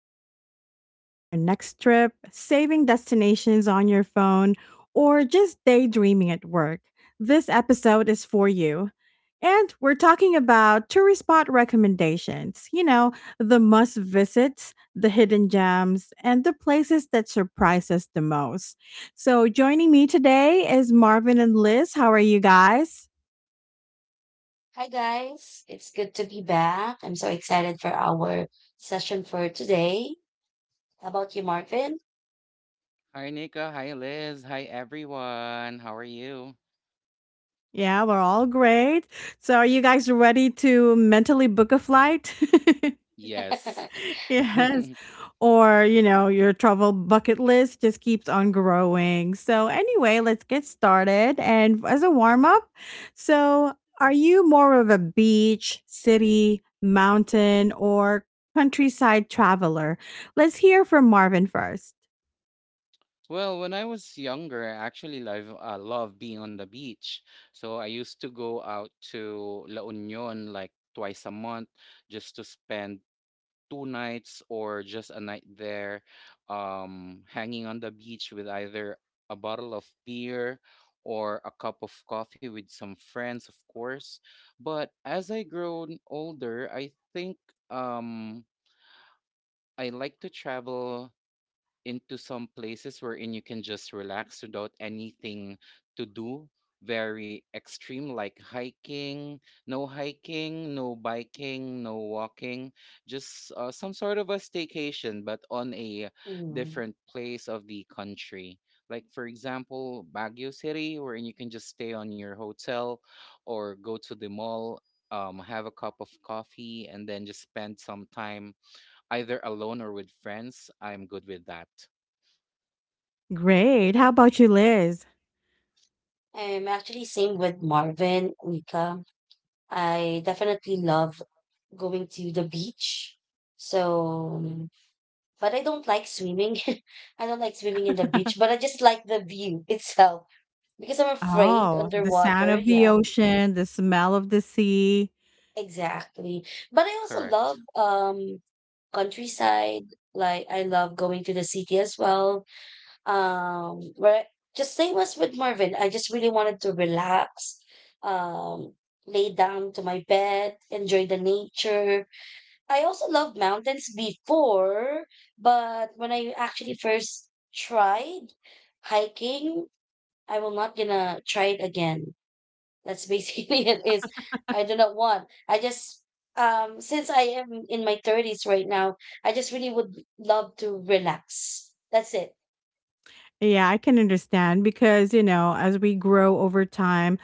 Whether you're planning your next trip, saving destinations on your phone, or just daydreaming at work, this episode is for you. And we're talking about tourist spot recommendations, you know, the must visits, the hidden gems, and the places that surprise us the most. So, joining me today is Marvin and Liz. How are you guys? Hi guys, it's good to be back. I'm so excited for our session for today. How about you, Marvin? Hi, Nika. Hi, Liz. Hi, everyone. How are you? Yeah, we're all great. So, are you guys ready to mentally book a flight? Yes. Yes. Or, you know, your travel bucket list just keeps on growing. So, anyway, let's get started. And as a warm up, so are you more of a beach, city, mountain, or countryside traveler? Let's hear from Marvin first. Well, when I was younger, I actually love I love being on the beach. So I used to go out to La Union like twice a month just to spend 2 nights or just a night there, hanging on the beach with either a bottle of beer or a cup of coffee with some friends, of course. But as I grown older, I think um, I like to travel into some places wherein you can just relax without anything to do very extreme like hiking, no hiking, no biking, no walking, just some sort of a staycation but on a Hmm. different place of the country, like for example Baguio City, wherein you can just stay on your hotel or go to the mall, have a cup of coffee and then just spend some time either alone or with friends. I'm good with that. Great. How about you, Liz? I'm actually same with Marvin, Mika. I definitely love going to the beach. So, but I don't like swimming. I don't like swimming in the beach, but I just like the view itself because I'm afraid Oh, the sound underwater. of the Yeah, ocean, the smell of the sea. exactly. But I also love Correct. Countryside. Like I love going to the city as well. Where just same as with Marvin, I just really wanted to relax, um, lay down to my bed, enjoy the nature. I also love mountains before, but when I actually first tried hiking, I will not gonna try it again, that's basically it is. I do not want. I just Since I am in my 30s right now, I just really would love to relax. That's it. Yeah, I can understand because, you know, as we grow over time,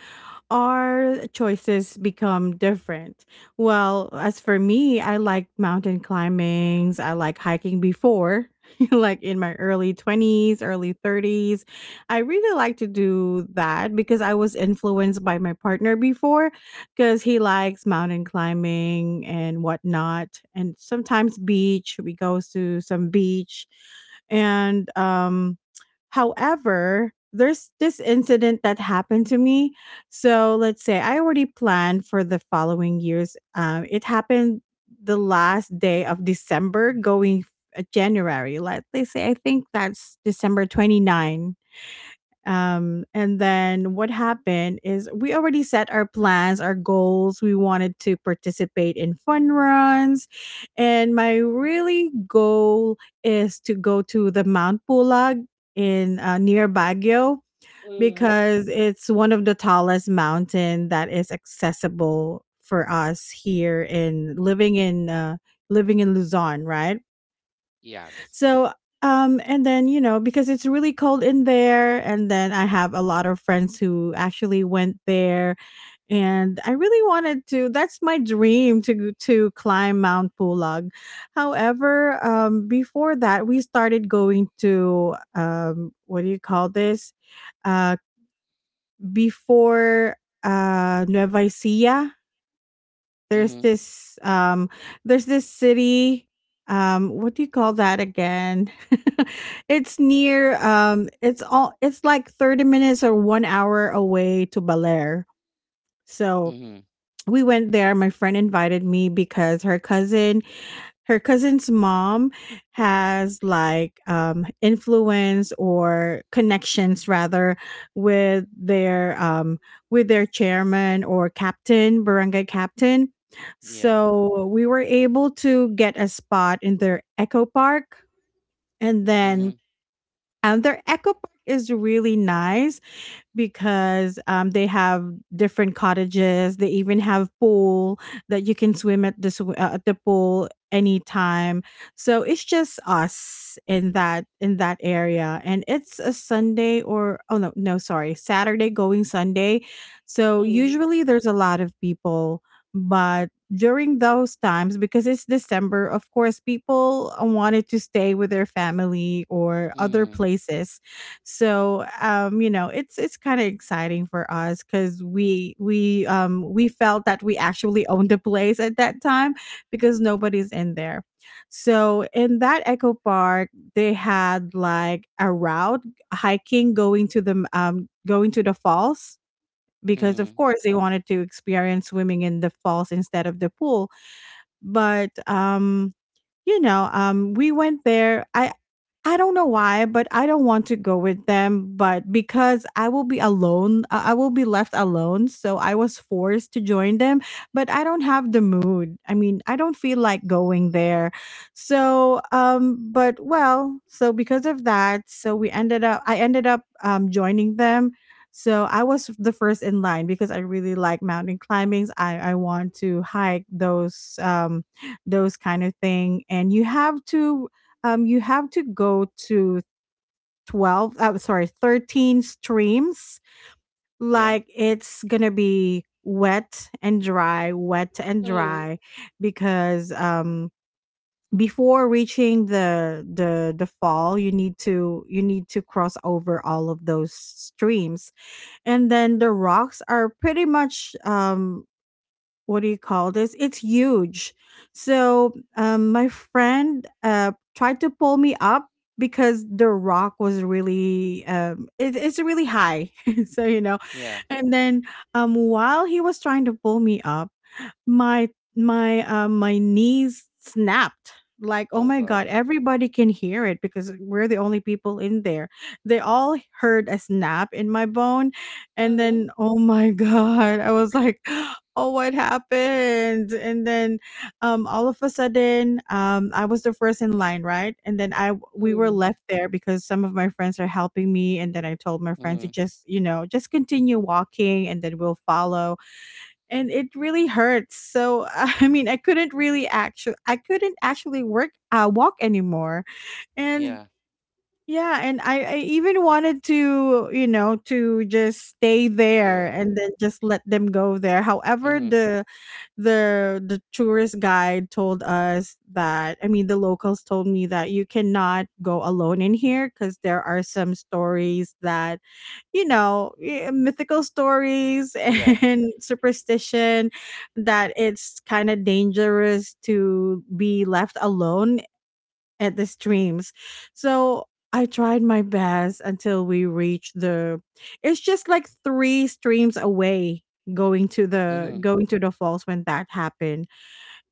our choices become different. Well, as for me, I like mountain climbings. I like hiking before, like in my early twenties, early thirties. I really like to do that because I was influenced by my partner before because he likes mountain climbing and whatnot. And sometimes beach, we go to some beach. And however, there's this incident that happened to me, so let's say I already planned for the following years. It happened the last day of December going January. Let us say I think that's December 29. And then what happened is we already set our plans, our goals. We wanted to participate in fun runs. And my really goal is to go to the Mount Pulag in near Baguio Mm, because it's one of the tallest mountain that is accessible for us here in living in living in Luzon, right? Yes. So, and then you know because it's really cold in there, and then I have a lot of friends who actually went there, and I really wanted to, that's my dream to climb Mount Pulag. However, before that we started going to what do you call this? Uh before Nueva Ecija, there's Mhm. this um there's this city, what do you call that again? It's near it's all it's like 30 minutes or 1 hour away to Belair. So Mhm. we went there. My friend invited me because her cousin, her cousin's mom has like influence or connections rather with their um, with their chairman or captain, barangay captain, Yeah. so we were able to get a spot in their eco park. And then Mhm. Their eco park is really nice because they have different cottages. They even have pool that you can swim at at the pool anytime. So it's just us in that area, and it's a Sunday or, oh no no, sorry, Saturday going Sunday. So mm, usually there's a lot of people, but during those times because it's December, of course, people wanted to stay with their family or other Mhm. places. So, you know, it's kind of exciting for us because we felt that we actually owned the place at that time because nobody's in there. So in that eco park, they had like a route, hiking going to the falls, because of Mhm. course they wanted to experience swimming in the falls instead of the pool. But you know, we went there. I don't know why, but I don't want to go with them. But because I will be alone, I will be left alone. So I was forced to join them, but I don't have the mood. I mean, I don't feel like going there. So, but well, so because of that, I ended up joining them. So I was the first in line because I really like mountain climbings. I want to hike those kind of thing, and you have to go to 13 streams. Yeah. Like it's going to be wet and mm, dry, because before reaching the the fall you need to cross over all of those streams, and then the rocks are pretty much what do you call this? It's huge. So my friend tried to pull me up because the rock was really it's really high. So you know, Yeah. and then while he was trying to pull me up, my my knees snapped. Like, oh Oh my God. god, everybody can hear it because we're the only people in there. They all heard a snap in my bone, and mm, then oh my god, I was like oh what happened. And then all of a sudden, I was the first in line, right, and then I we were mm, left there because some of my friends are helping me, and then I told my friend to Mhm. just, you know, just continue walking and then we'll follow. And it really hurts. So I mean, I couldn't really actually, I couldn't actually walk anymore, and Yeah. yeah, and I even wanted to, you know, to just stay there Go and home. then just let them go there. However, Mhm. the the tourist guide told us that, I mean, the locals told me that you cannot go alone in here because there are some stories that you know mythical stories Yeah. and superstition, that it's kind of dangerous to be left alone at the streams. So I tried my best until we reached the, it's just like three streams away Mhm. going to the falls when that happened.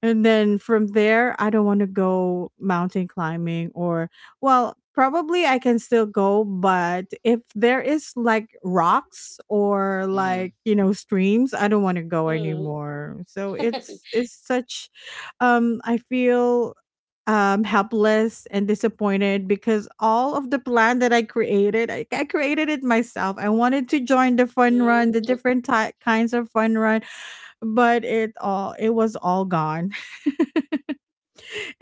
And then from there I don't want to go mountain climbing, or well probably I can still go, but if there is like rocks or Mhm. like, you know, streams, I don't want to go mm. anymore. So it's such, I feel helpless and disappointed because all of the plan that I created, I created it myself. I wanted to join the fun run, the Mm, different kinds of fun run, but it was all gone.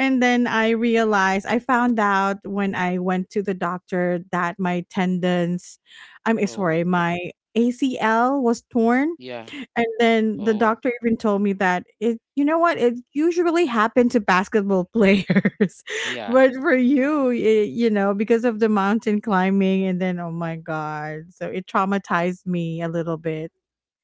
And then I realized, I found out when I went to the doctor that my tendons, I'm Oh. sorry, my ACL was torn. Yeah. And then the Oh. doctor even told me that it, you know what? It usually happened to basketball players, Yeah. but for you, it, you know, because of the mountain climbing, and then, oh my god. So it traumatized me a little bit.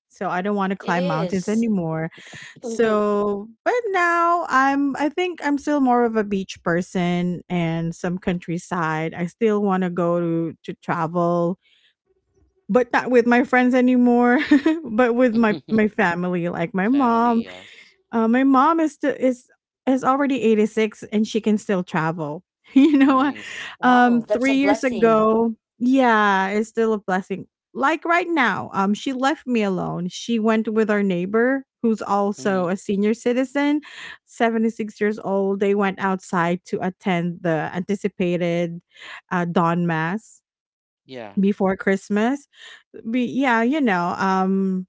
So I don't want to it climb mountains is. anymore. Mhm. So, but now I'm, I think I'm still more of a beach person and some countryside. I still want to go to travel, but not with my friends anymore, but with my family, like my mom. Family. Yes. My mom is still is already 86 and she can still travel. You know, Nice. Wow, that's a 3 years blessing. ago, yeah, it's still a blessing. Like right now, she left me alone. She went with our neighbor, who's also Mhm. a senior citizen, 76 years old. They went outside to attend the anticipated dawn mass Yeah. before Christmas be yeah, you know, um,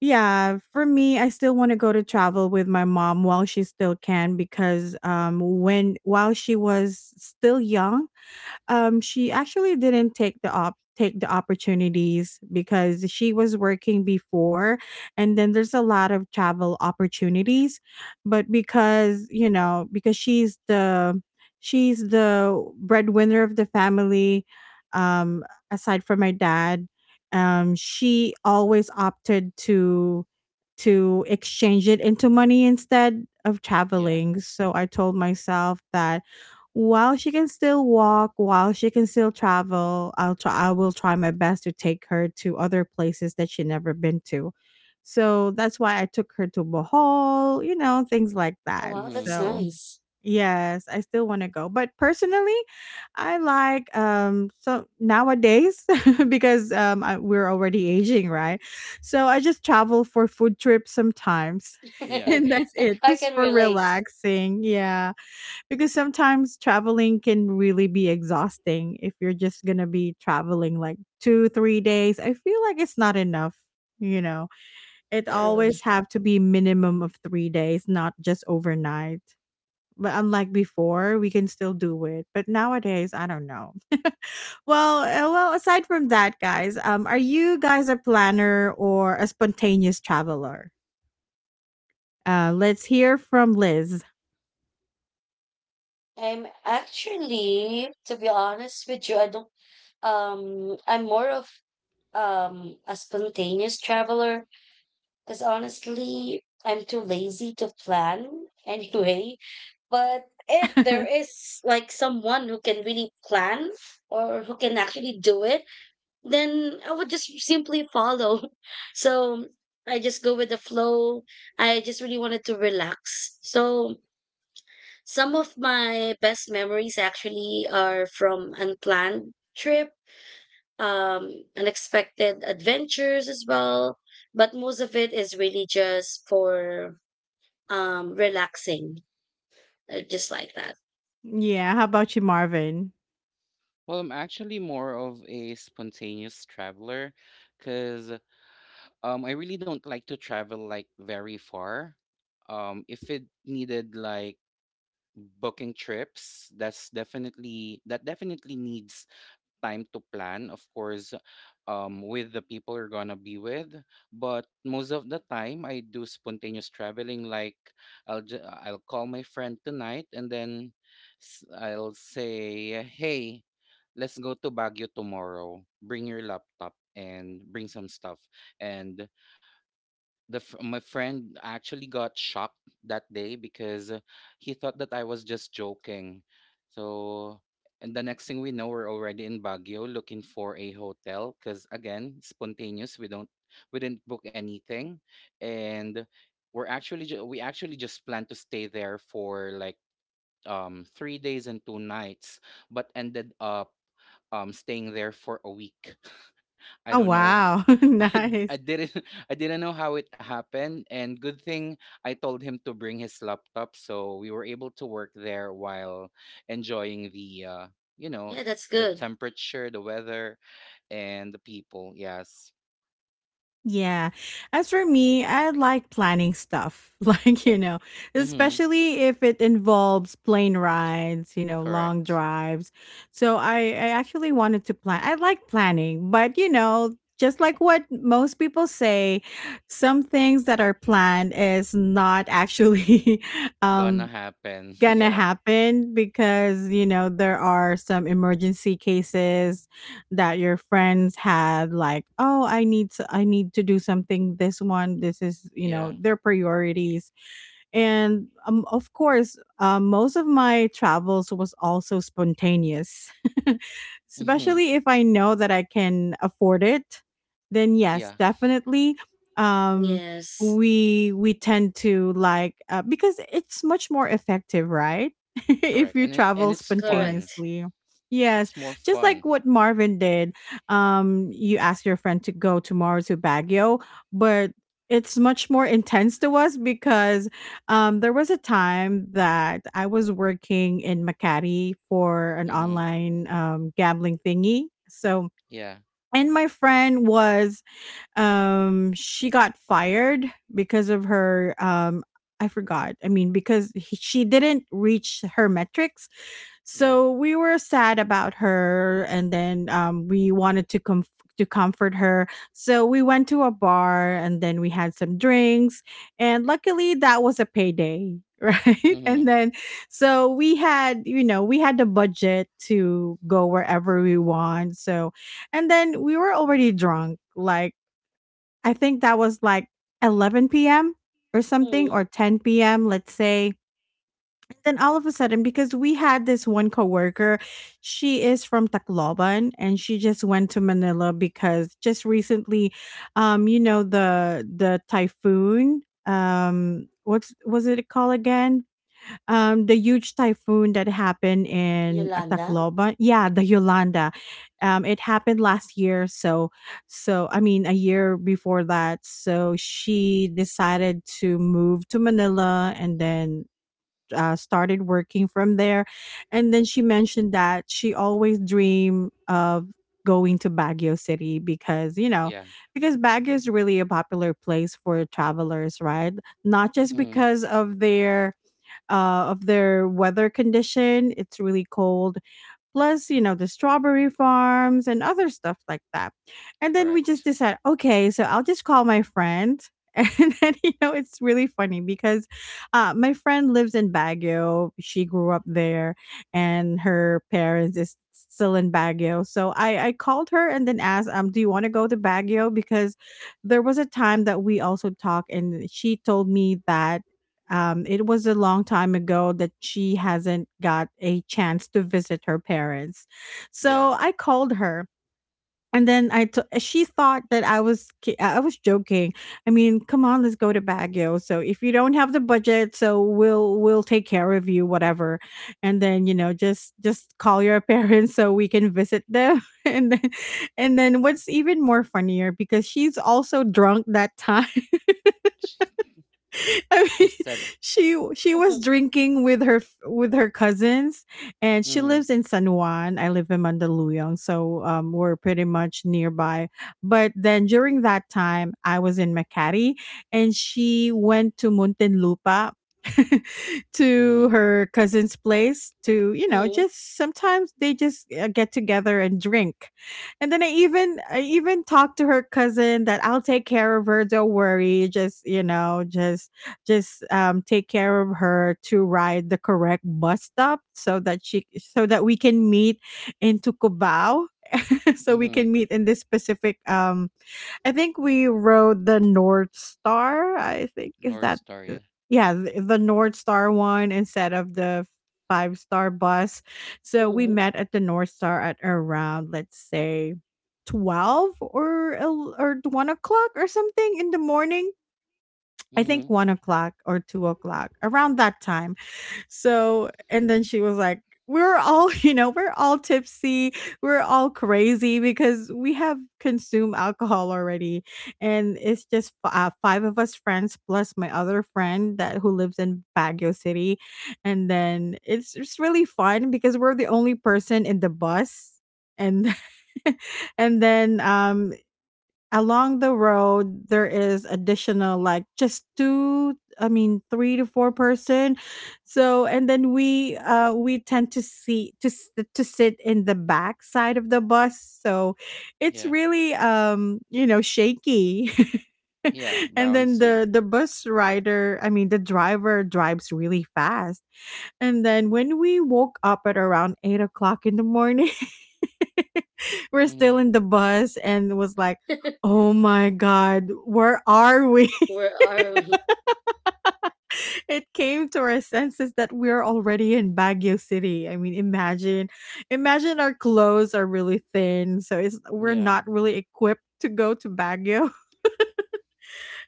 yeah, for me I still want to go to travel with my mom while she still can, because when while she was still young, she actually didn't take the opportunities because she was working before, and then there's a lot of travel opportunities, but because, you know, because she's the breadwinner of the family, um, aside from my dad, she always opted to exchange it into money instead of Yeah. traveling. So I told myself that while she can still walk, while she can still travel, I will try my best to take her to other places that she never been to. So that's why I took her to Bohol, you know, things like Oh that. wow, Mhm. that's So, nice. yes, I still want to go. But personally, I like so nowadays because I, we're already aging, right? So I just travel for food trips sometimes. Yeah. And that's it, I just can for relate. relaxing. Yeah, because sometimes traveling can really be exhausting. If you're just gonna be traveling like 2 3 days, I feel like it's not enough, you know. It True. always Correct. have to be minimum of 3 days, not just overnight. But unlike before we can still do it, but nowadays I don't know. Well, well, aside from that guys, um, are you guys a planner or a spontaneous traveler? Uh, let's hear from Liz. I'm actually, to be honest with you, I don't I'm more of a spontaneous traveler because honestly, I'm too lazy to plan anyway. But if there is like someone who can really plan or who can actually do it, then I would just simply follow. So I just go with the flow. I just really wanted to relax. So some of my best memories actually are from unplanned trip, um, unexpected adventures as well. But most of it is really just for relaxing, just like that. Yeah, how about you, Marvin? Well, I'm actually more of a spontaneous traveler, cause I really don't like to travel like very far. If it needed like booking trips, that definitely needs time to plan, of course, with the people you're gonna be with. But most of the time, I do spontaneous traveling. Like, I'll call my friend tonight, and then I'll say, "Hey, let's go to Baguio tomorrow. Bring your laptop and bring some stuff." And my friend actually got shocked that day because he thought that I was just joking. So, and the next thing we know, we're already in Baguio looking for a hotel because, again, spontaneous. We don't, we didn't book anything, and we actually just planned to stay there for like 3 days and two nights, but ended up staying there for a week. I Oh don't know. wow, I nice. didn't I didn't know how it happened, and good thing I told him to bring his laptop so we were able to work there while enjoying the you know Yeah, that's good. temperature, the weather, and the people. Yes. Yeah. As for me, I like planning stuff. Like, you know, Mhm. especially if it involves plane rides, you know, long Correct. drives. So I actually wanted to plan. I like planning, but you know, just like what most people say, some things that are planned is not actually Gonna um happen. gonna Yeah. happen because you know there are some emergency cases that your friends had, like, oh, I need I need to do something. This one, this is, you Yeah. know, their priorities. And of course, most of my travels was also spontaneous Mhm. especially if I know that I can afford it, then yes, Yeah. definitely. um Yes, we tend to, like, because it's much more effective, right? If Correct. you And it, and travel it's fun. correct. spontaneously, yes, It's more just like fun. what Marvin did. You asked your friend to go tomorrow to Baguio, but it's much more intense to us because, there was a time that I was working in Makati for an Mhm. online gambling thingy. So, Yeah. and my friend was, she got fired because of her I forgot. I mean, because she didn't reach her metrics. Yeah. So we were sad about her, and then we wanted to come to comfort her. So we went to a bar, and then we had some drinks, and luckily that was a payday, right? And Mhm. then so we had, you know, we had the budget to go wherever we want. So and then we were already drunk. Like, I think that was like 11 p.m. or something, Mm, or 10 p.m., let's say. And then all of a sudden, because we had this one coworker, she is from Tacloban, and she just went to Manila because just recently, you know, the typhoon, what's was it called again? The huge typhoon that happened in Yolanda? Tacloban, yeah, the Yolanda, it happened last year. So, so I mean, a year before that. So she decided to move to Manila, and then started working from there. And then she mentioned that she always dreamed of going to Baguio City because, you know, Yeah. because Baguio is really a popular place for travelers, right? Not just Mhm. because of their weather condition. It's really cold. Plus, you know, the strawberry farms and other stuff like that. And then we just Correct. decide, okay, so I'll just call my friend. And then, you know, it's really funny because, my friend lives in Baguio. She grew up there, and her parents is still in Baguio. So I called her and then asked, do you want to go to Baguio? Because there was a time that we also talked, and she told me that, it was a long time ago that she hasn't got a chance to visit her parents. Yeah. So I called her, and then she thought that I was I was joking. I mean, come on, let's go to Baguio. So if you don't have the budget, so we'll take care of you, whatever. And then, you know, just call your parents so we can visit them. And then what's even more funnier because she's also drunk that time. I She mean, said, she was drinking with her cousins, and she mm, lives in San Juan. I live in Mandaluyong, so we're pretty much nearby. But then during that time, I was in Makati, and she went to Muntinlupa to mm, her cousin's place to, you know, Mm, just sometimes they just get together and drink. And then I even talked to her cousin that I'll take care of her, don't worry, just, you know, just take care of her to ride the correct bus stop so that she so that we can meet in Tucubao. So we mm, can meet in this specific I think we rode the North Star. I think is North that Star, uh, yeah. yeah, the North Star one instead of the five-star bus. So we mm. met at the North Star at around, let's say, 12 or or 1 o'clock or something in the morning. I Mm, think 1 o'clock or 2 o'clock, around that time. So, and then she was like, "We're all, you know, we're all tipsy, we're all crazy because we have consumed alcohol already." And it's just f 5 of us friends plus my other friend that who lives in Baguio City. And then it's really fun because we're the only person in the bus. And and then, along the road there is additional, like, just two, I mean, three to four person. So, and then we tend to see to to sit in the back side of the bus, so it's yeah, really, you know, shaky. yeah, And then bouncy. The bus rider I mean the driver drives really fast. And then when we woke up at around 8 o'clock in the morning, we're Mm, still in the bus and was like, oh my God, where are we? Where are we? It came to our senses that we're already in Baguio City. I mean, imagine, imagine our clothes are really thin. So it's, we're yeah. not really equipped to go to Baguio.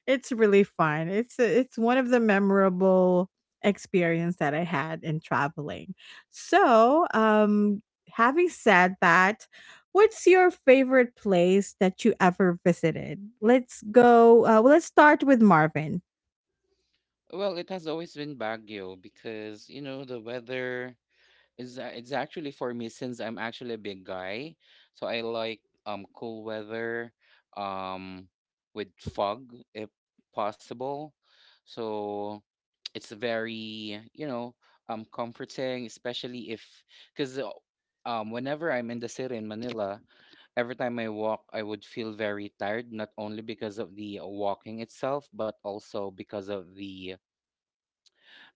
It's really fun. It's one of the memorable experience that I had in traveling. So, having said that, what's your favorite place that you ever visited? Let's go. Well, let's start with Marvin. Well, it has always been Baguio because, you know, the weather it's actually, for me, since I'm actually a big guy, so I like cool weather, um with fog if possible. So it's very, you know, comforting, especially if, because whenever I'm in the city in Manila, every time I walk, I would feel very tired, not only because of the walking itself, but also because of the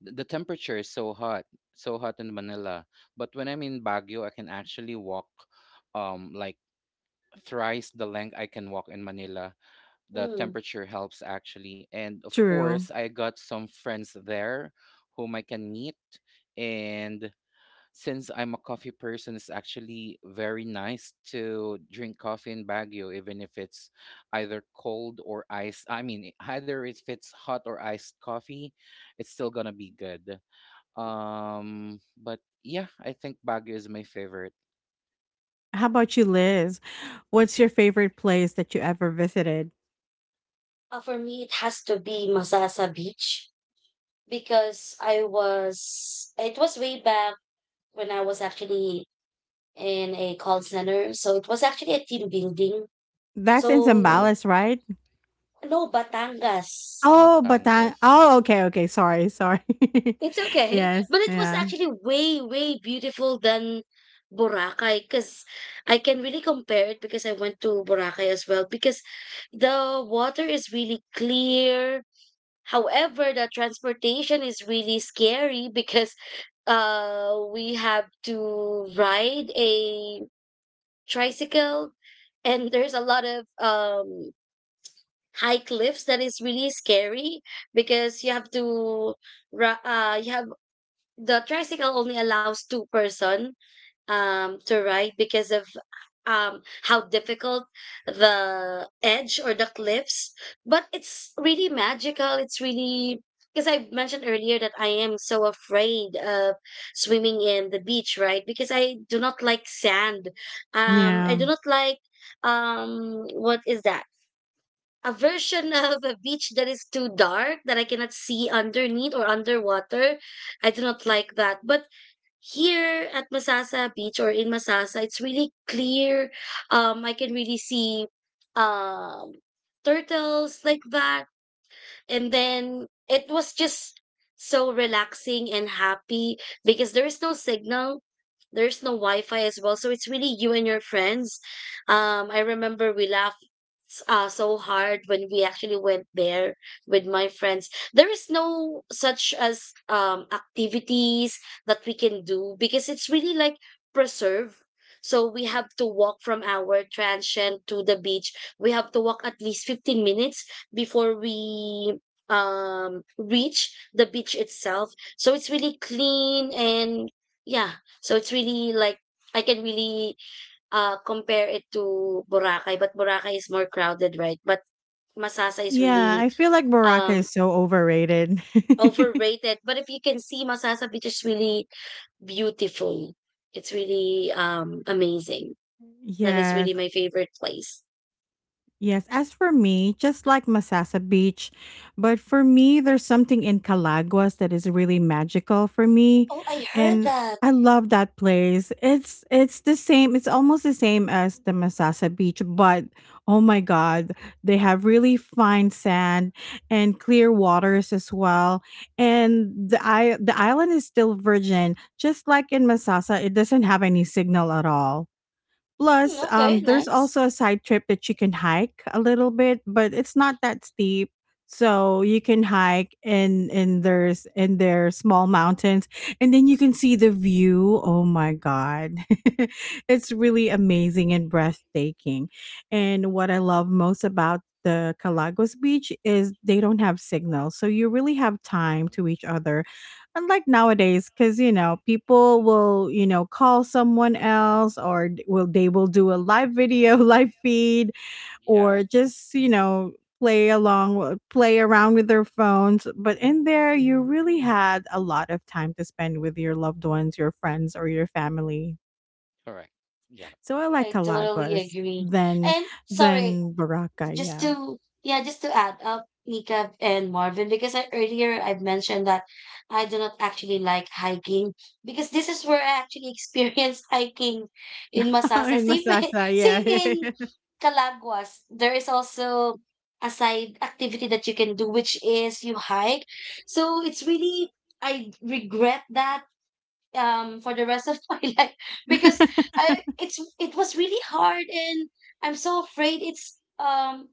the temperature is so hot in Manila. But when I'm in Baguio, I can actually walk, like thrice the length I can walk in Manila. The Mm. temperature helps, actually. And of course, True. I got some friends there whom I can meet. And since I'm a coffee person, it's actually very nice to drink coffee in Baguio, even if it's either cold or ice. I mean, either if it's hot or iced coffee, it's still gonna be good. But yeah, I think Baguio is my favorite. How about you, Liz? What's your favorite place that you ever visited? For me, it has to be Masasa Beach because it was way back when I was actually in a call center. So it was actually a team building. That's in So, Mm-hmm. Zambales, right? no, Batangas. Oh, Batangas. Batang. Oh, okay, okay. Sorry, sorry. It's okay. Yes, But it was yeah, actually way, way beautiful than Boracay because I can really compare it because I went to Boracay as well because the water is really clear. However, the transportation is really scary because we have to ride a tricycle and there's a lot of high cliffs that is really scary because you have to you have the tricycle only allows two person, to ride because of how difficult the edge or the cliffs. But it's really magical. It's really because I mentioned earlier that I am so afraid of swimming in the beach, right? Because I do not like sand. I yeah. do not like what is that? A version of a beach that is too dark that I cannot see underneath or underwater. I do not like that. But here at Masasa Beach or in Masasa, it's really clear. I can really see um turtles like that. And then it was just so relaxing and happy because there is no signal, there's no Wi-Fi as well. So it's really you and your friends. I remember we laughed so hard when we actually went there with my friends. There is no such as activities that we can do because it's really like preserve. So we have to walk from our transient to the beach. We have to walk at least 15 minutes before we reach the beach itself, so it's really clean. And yeah, so it's really like I can really compare it to Boracay, but Boracay is more crowded, right? But Masasa is Yeah, really I feel like Boracay um is so overrated. overrated. But if you can see, Masasa Beach is really beautiful, it's really amazing. That is Yeah. really my favorite place. Yes, as for me, just like Masasa Beach, but for me, there's something in Calaguas that is really magical for me, Oh, I heard and that. I love that place. It's the same. It's almost the same as the Masasa Beach, but oh my God, they have really fine sand and clear waters as well. And the I the island is still virgin, just like in Masasa. It doesn't have any signal at all. Mm, Plus, okay, there's also nice. a side trip that you can hike a little bit, but it's not that steep. So you can hike in there's in their small mountains, and then you can see the view. Oh my god, it's really amazing and breathtaking. And what I love most about the Calagos Beach is they don't have signal, so you really have time Mm-hmm. to each other unlike nowadays because, you know, people will, you know, call someone else or will do a live video, live feed, Yeah, or just, you know, play along play around with their phones. But in there you really had a lot of time to spend with your loved ones, your friends, or your family. correct. Yeah. So I like I totally Calagos agree. And sorry, than Baraka, just yeah. to, yeah, just to add up, Nika and Marvin, because I, earlier I've mentioned that I do not actually like hiking, because this is where I actually experienced hiking in Masasa, In same Masasa, yeah. same in Calaguas. There is also a side activity that you can do which is you hike. So it's really, I regret that for the rest of my life because I it's, it was really hard, and I'm so afraid. It's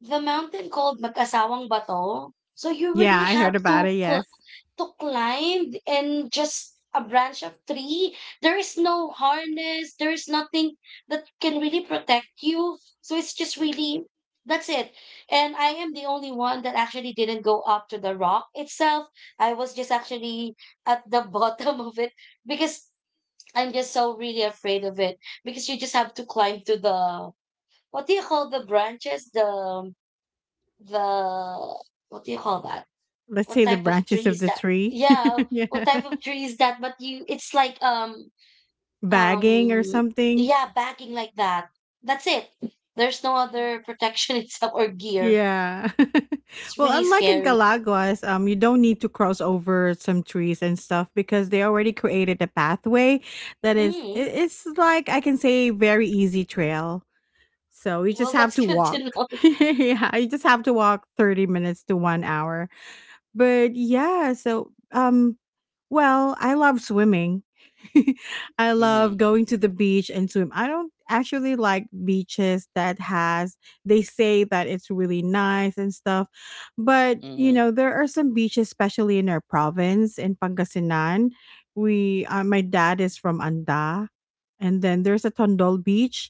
the mountain called Mag-asawang Bato. So you Yeah, really I have heard about to it, yes. to climb and just a branch of tree. There is no harness. There is nothing that can really protect you. So it's just really, that's it. And I am the only one that actually didn't go up to the rock itself. I was just actually at the bottom of it because I'm just so really afraid of it because you just have to climb to the what do you call, the branches, the, what do you call that? Let's What say the type of branches tree of is the that? tree. Yeah, Yeah. what type of tree is that? But you, it's like Bagging or um something. yeah, backing like that. That's it. There's no other protection itself or gear. Yeah. It's Well, really unlike in scary. Calaguas, you don't need to cross over some trees and stuff because they already created a pathway that is Mm, it, it's like I can say very easy trail. So you just well, have that's to good to walk. know. Yeah, you just have to walk 30 minutes to 1 hour. But yeah, so well, I love swimming. I love Mm-hmm. going to the beach and swim. I don't actually like beaches that has they say that it's really nice and stuff. But, you Mm-hmm. know, there are some beaches especially in our province in Pangasinan. We my dad is from Anda, and then there's a Tondol beach.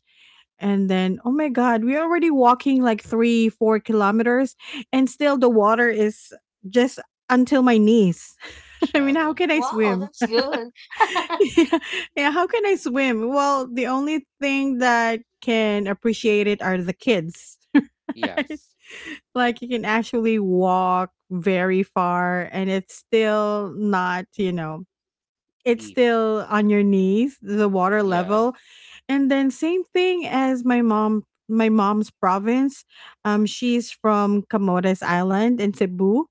And then oh my god, we're already walking like 3 4 kilometers, and still the water is just until my knees. I mean, how Shallow. can I Wow, swim? that's good. Yeah, yeah, how can I swim? Well, the only thing that can appreciate it are the kids. Right? Yes. Like, you can actually walk very far, and it's still not, you know, it's Deep. still on your knees, the water Yeah. level. And then same thing as my mom's province. Um, she's from Camores Island in Cebu.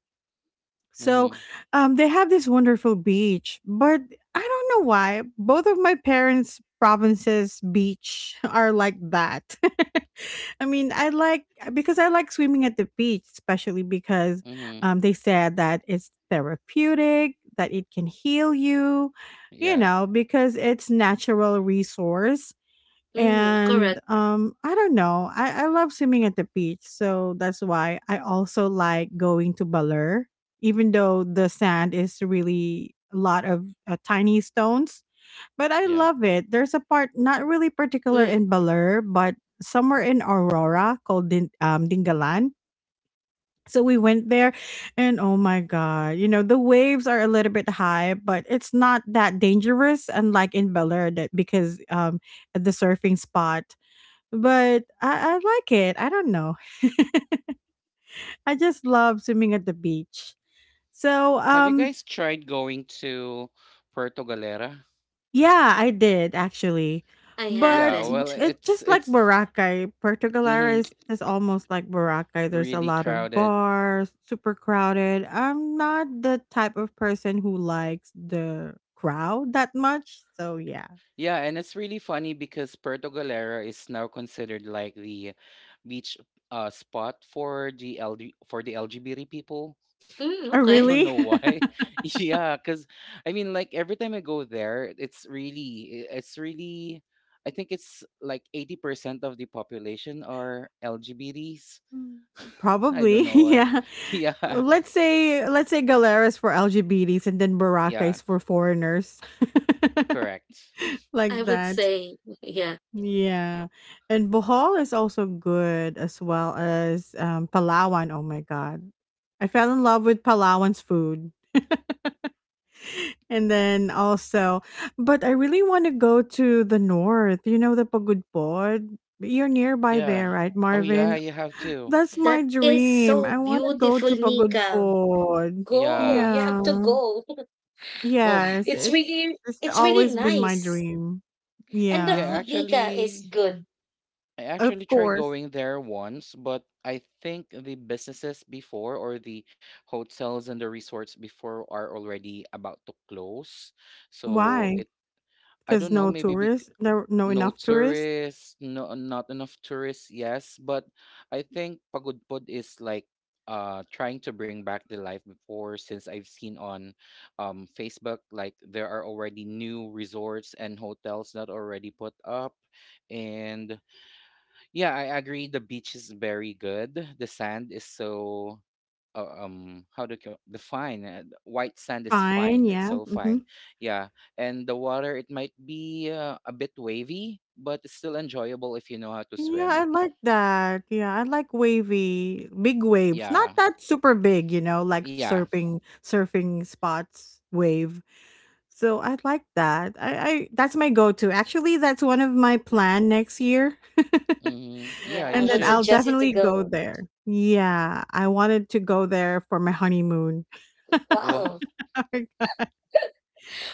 So, Mhm. They have this wonderful beach, but I don't know why both of my parents' provinces' beach are like that. I mean, I like because I like swimming at the beach, especially because, Mhm. They said that it's therapeutic, that it can heal you, you Yeah. know, because it's natural resource. Mm, And correct. I don't know. I love swimming at the beach, so that's why I also like going to Baler, even though the sand is really a lot of tiny stones. But I Yeah. love it. There's a part Mm, not really particular in Baler, but somewhere in Aurora called Dingalan. So we went there, and oh my god, you know the waves are a little bit high, but it's not that dangerous, unlike in Baler, that because at the surfing spot but I like it. I don't know. I just love swimming at the beach. So Have you um guys tried going to Puerto Galera? yeah, I did actually. I Yeah, But haven't. well, it's just like Boracay. Puerto Galera mhm, is almost like Boracay. There's a really lot of crowded. bars, super crowded. I'm not the type of person who likes the crowd that much. So yeah. Yeah, and it's really funny because Puerto Galera is now considered like the beach spot for the LGBT people. Mm, Oh I okay. don't know really? why. Yeah, because I mean, like every time I go there, I think it's like 80% of the population are LGBTs. Mm, I probably. don't know why. Yeah. Yeah, Let's say Galeras for LGBTs and then yeah, Barakais for foreigners. correct. I Like would that. say, yeah. Yeah. And Bohol is also good as well as Palawan. Oh my god. I fell in love with Palawan's food. And then also, but I really want to go to the north. You know the Pagudpod? You're nearby Yeah. there, right, Oh, yeah, Marvin? you have to. That's my That is dream. so I want to go beautiful, to Nika. Pagudpod. Go. Yeah. You Yeah. have to go. Well, Yes, It's really it's it's really always been my nice. dream. And the yeah, Yeah, food, Nika, is good. I actually of tried course. going there once, but I think the businesses before, or the hotels and the resorts before, are already about to close. So Why? Cause it, I don't know, no maybe tourists, there no no enough tourists? tourists, no, not enough tourists, yes, but I think Pagudpud is like trying to bring back the life before, since I've seen on Facebook like there are already new resorts and hotels that already put up. And yeah, I agree. The beach is very good. The sand is so how do you the fine the white sand is Fine, fine. It's yeah, so fine. mhm. Yeah, and the water, it might be a bit wavy, but it's still enjoyable if you know how to Yeah, swim. I like that. Yeah, I like wavy, big waves. Not Yeah, that super big, you know, like yeah, surfing spots wave. So I like that. I that's my go-to. Actually, that's one of my plan next year. mm-hmm. Yeah. Yeah, I You And then would should. I'll suggest you to definitely go go. there. Yeah, I wanted to go there for my honeymoon Wow. Wow.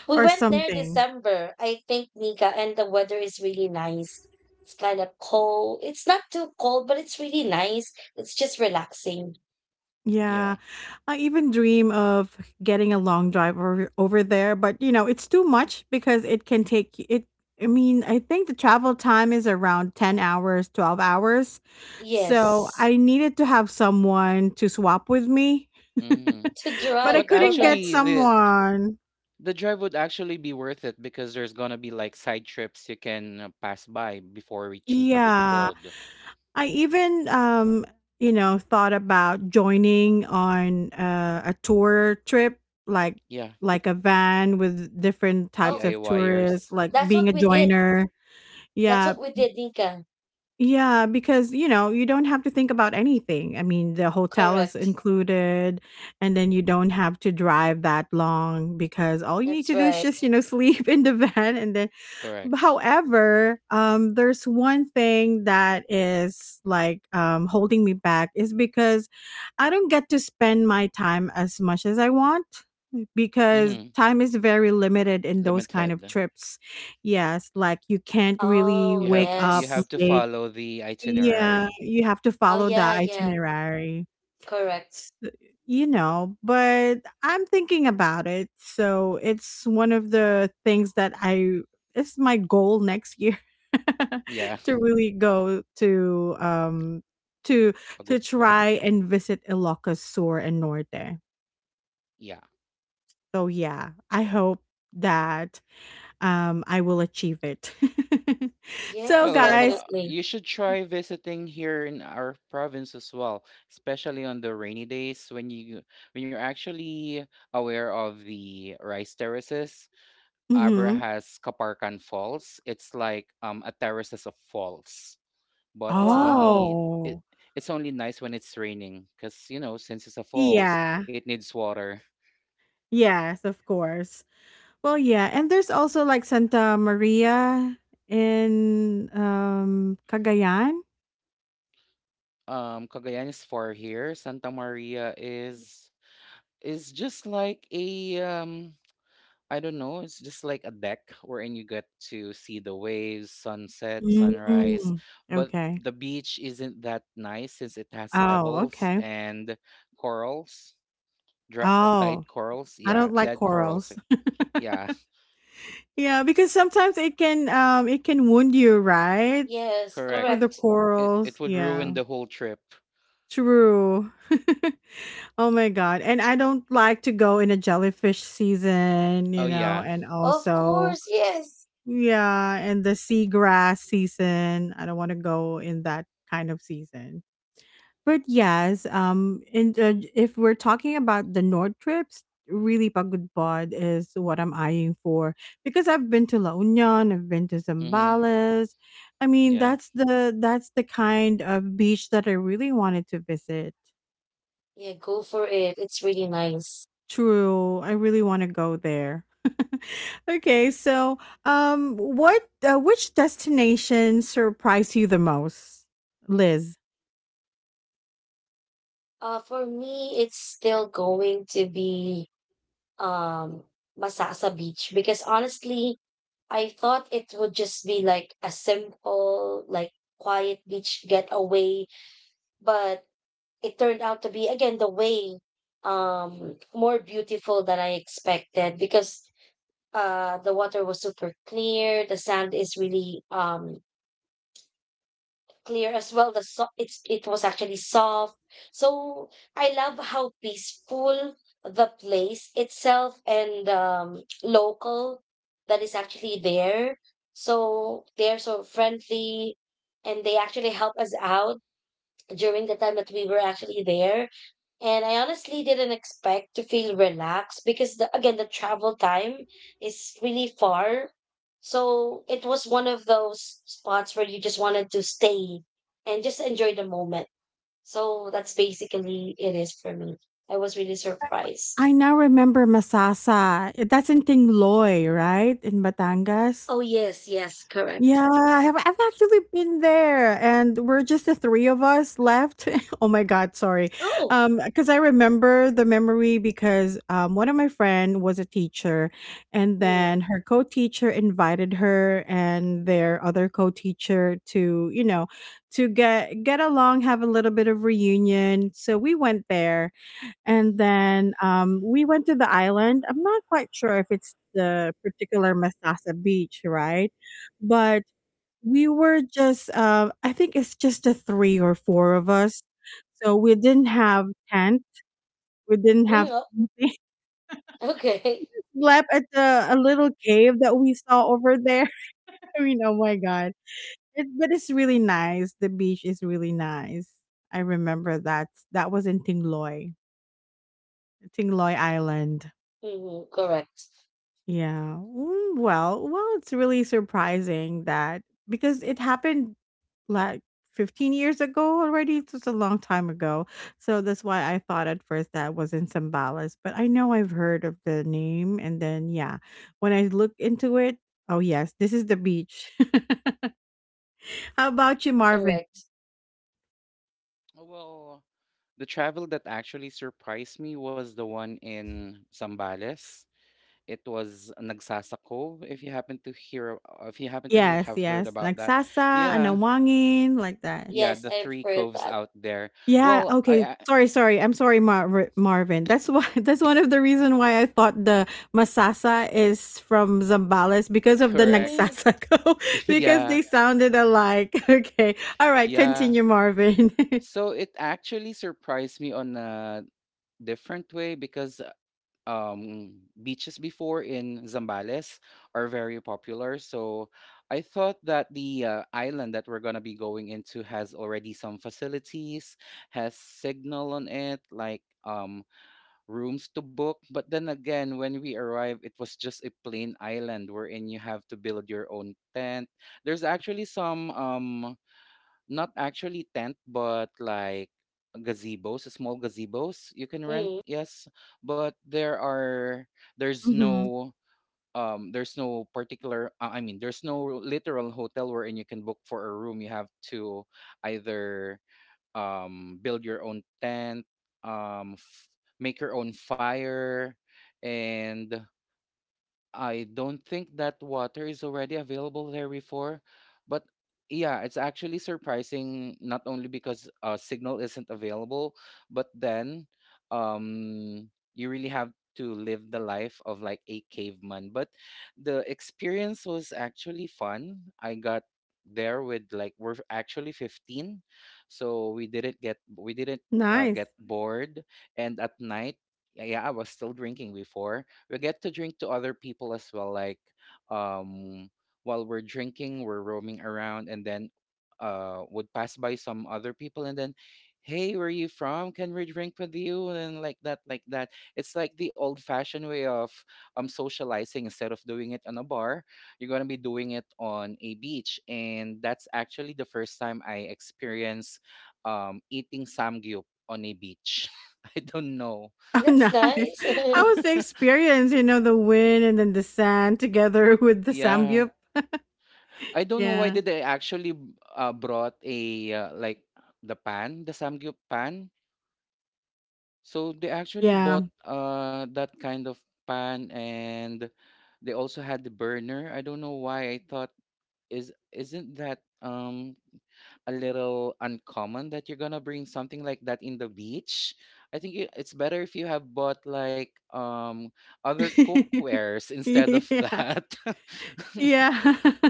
We or went there something. December, I think, Nika, and the weather is really nice. It's kind of cold. It's not too cold, but it's really nice. It's just relaxing. Yeah, Yeah. I even dream of getting a long drive over there, but you know, it's too much because it can take y- it. I mean, I think the travel time is around 10 hours, 12 hours. So Yes. I needed to have someone to swap with me, Mm-hmm. To but I But drive, couldn't get actually, correct. the someone. the drive would actually be worth it because there's gonna be like side trips you can pass by before reaching Yeah. Pagudpod. I even you know thought about joining on a tour trip like Yeah. like a van with different types Oh, of tourists DIYers. like that's what being a we did. joiner. That's Yeah. what we did, Nika. Yeah, because you know, you don't have to think about anything. I mean, the hotel is Correct. included and then you don't have to drive that long because all you need That's to do is right. just, you know, sleep in the van and then Correct. however, there's one thing that is, like, holding me back is because I don't get to spend my time as much as I want because Mm-hmm. time is very limited in those kind of Limited. trips. Yes, like, you can't really Oh, You wake have to, you up have yes. to late. follow the Yeah, itinerary. you have to Oh, follow the yeah, yeah. itinerary Correct. s- you know, but I'm thinking about it. So it's one of the things that I it's my goal next year Yeah. to really go to Pagod to pod. try and visit Ilocos Sur and Norte. Yeah. So yeah, I hope that I will achieve it. So Yes, Well, guys, definitely. you should try visiting here in our province as well, especially on the rainy days when you're actually aware of the rice terraces. Abra mhm. has Kaparkan Falls. It's like a terraces of falls. But it's Wow. only, it, Oh. it's only nice when it's raining because, you know, since it's a falls, Yeah. it needs water. Yes, of course. Well, yeah, and there's also like Santa Maria in Cagayan. Cagayan is far here. Santa Maria is just like a, I don't know, it's just like a deck wherein you get to see the waves, sunset, sunrise, Mm, but okay. the beach isn't that nice since it has Oh, pebbles okay. and corals, dry, dyed Oh, corals, I yeah, don't like dead corals, eh, corals. yeah. Yeah, because sometimes it can wound you, right? Yes, For Correct. the correct. It corals. would ruin Yeah. the whole trip. True. Oh my god. And I don't like to go in a jellyfish season, Oh you know, yeah. and Of also course, yes. yeah, and the seagrass season. I don't want to go in that kind of season. But yes, and if we're talking about the north trips, really Pagud Bod is what I'm eyeing for because I've been to La Union, I've been to Mhm. Zambales. I mean, Yeah. That's the kind of beach that I really wanted to visit. Yeah, go for it. It's really nice. True. I really want to go there. Okay, so what which destination surprised you the most, Liz? For me, it's still going to be um Masasa Beach because honestly, I thought it would just be like a simple, like quiet beach getaway, but it turned out to be again the way more beautiful than I expected because the water was super clear, the sand is really clear as well. It's, it was actually soft. So I love how peaceful the place itself and local that is actually there. So they're so friendly, and they actually help us out during the time that we were actually there. And I honestly didn't expect to feel relaxed because, the again, the travel time is really far. So it was one of those spots where you just wanted to stay and just enjoy the moment. So that's basically it is for me. I was really I surprised. now remember Masasa. That's in Tingloy, right? In Batangas. Oh, yes, yes, correct. Yeah, I have I've actually been there, and we're just the 3 of us left. Oh my god, sorry. Oh, Because I remember the memory because, one of my friend was a teacher, and mm. then her co-teacher invited her and their other co-teacher to, you know, to get along, have a little bit of reunion. So we went there, and then, we went to the island. I'm not quite sure if it's the particular Masasa Beach, right? But we were just, I think it's just the three or four of us. So we didn't have tent. We didn't Mm, have oh, anything. okay. Slept at the, a little cave that we saw over there. I mean, oh my God. It, but it's really nice. The beach is really nice. I remember that. That was in Tingloy, Tingloy Island. Mm, correct. Yeah. Mm, well, well, it's really surprising that because it happened like 15 years ago already. So it's just a long time ago. So that's why I thought at first that was in Zambales, but I know I've heard of the name. And then, yeah, when I look into it, oh, yes, this is the beach. How about you, Marvin? Correct. Oh. Well, the travel that actually surprised me was the one in Zambales. It was Nagsasako, if you happen to hear if you happen to Yes, have heard yes. about Like that. Sasa, Yeah. Anawangin, like that. Yeah, Yes, the I've three heard coves that. out there. Yeah, Well, okay. I Sorry, sorry. I'm sorry, Mar- Marvin. That's why that's one of the reason why I thought the masasa is from Zambales because of the correct. Mm, nagsasako because Yeah. they sounded alike. Okay. All right, Yeah. continue, Marvin. So it actually surprised me on a different way because, um, beaches before in Zambales are very popular. So I thought that the, island that we're going to be going into has already some facilities, has signal on it, like, rooms to book. But then again, when we arrived, it was just a plain island wherein you have to build your own tent. There's actually some. Not actually tent, but like gazebos, small gazebos you can rent, mm. yes. But there are there's Mhm. no there's no particular, I mean, there's no literal hotel wherein you can book for a room. You have to either build your own tent, um f- make your own fire, and I don't think that water is already available there before, but yeah, it's actually surprising not only because, signal isn't available, but then, you really have to live the life of like a caveman. But the experience was actually fun. I got there with like we're actually 15, so we didn't get, we didn't Nice. get bored, and at night, yeah, I was still drinking before. We get to drink to other people as well, like, um while we're drinking, we're roaming around, and then would pass by some other people and then, hey, where are you from, can we drink with you, and like that, it's like the old fashioned way of socializing instead of doing it on a bar. You're going to be doing it on a beach, and that's actually the first time I experienced eating samgyup on a beach. I don't know. Oh, That's nice. nice. How was the experience, you know, the wind and then the sand together with the Yeah, samgyup? I don't know why Yeah. did I actually, brought a, like the pan, the samgyup pan. So they actually Yeah. bought that kind of pan, and they also had the burner. I don't know why I thought, is isn't that a little uncommon that you're gonna bring something like that in the beach. I think it's better if you have bought like other cookwares instead of yeah. that. Yeah.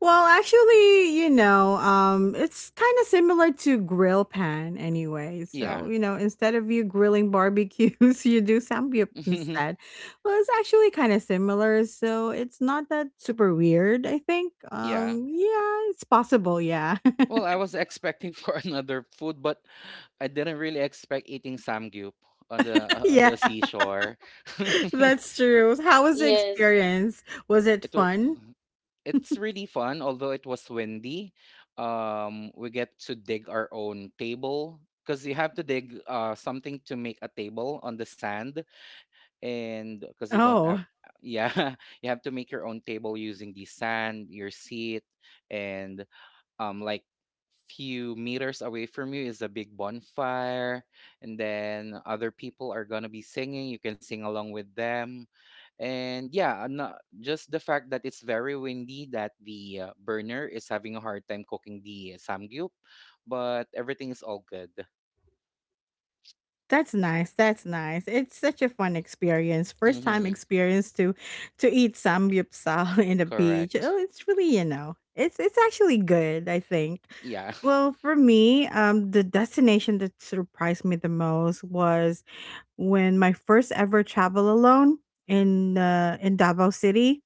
Well, actually, you know, it's kind of similar to grill pan anyway. So, Yeah. you know, instead of you grilling barbecues, you do samgyup instead. Well, it's actually kind of similar, so it's not that super weird, I think. Yeah. Yeah, it's possible, yeah. Well, I was expecting for another food, but I didn't really expect eating samgyup on the Yeah, seashore. that's true. How was the Yes, experience? Was it it was fun? it's really fun, although it was windy. We get to dig our own table because you have to dig, something to make a table on the sand, and because you don't have, Oh. yeah, you have to make your own table using the sand, your seat, and like few meters away from you is a big bonfire, and then other people are going to be singing, you can sing along with them. And yeah, just the fact that it's very windy that the, burner is having a hard time cooking the samgyup, but everything is all good. That's nice. That's nice. It's such a fun experience. First time Mhm. experience to eat samgyeopsal in the beach. Oh, Correct. it's really, you know, it's actually good, I think. Yeah. Well, for me, the destination that surprised me the most was when my first ever travel alone in Davao City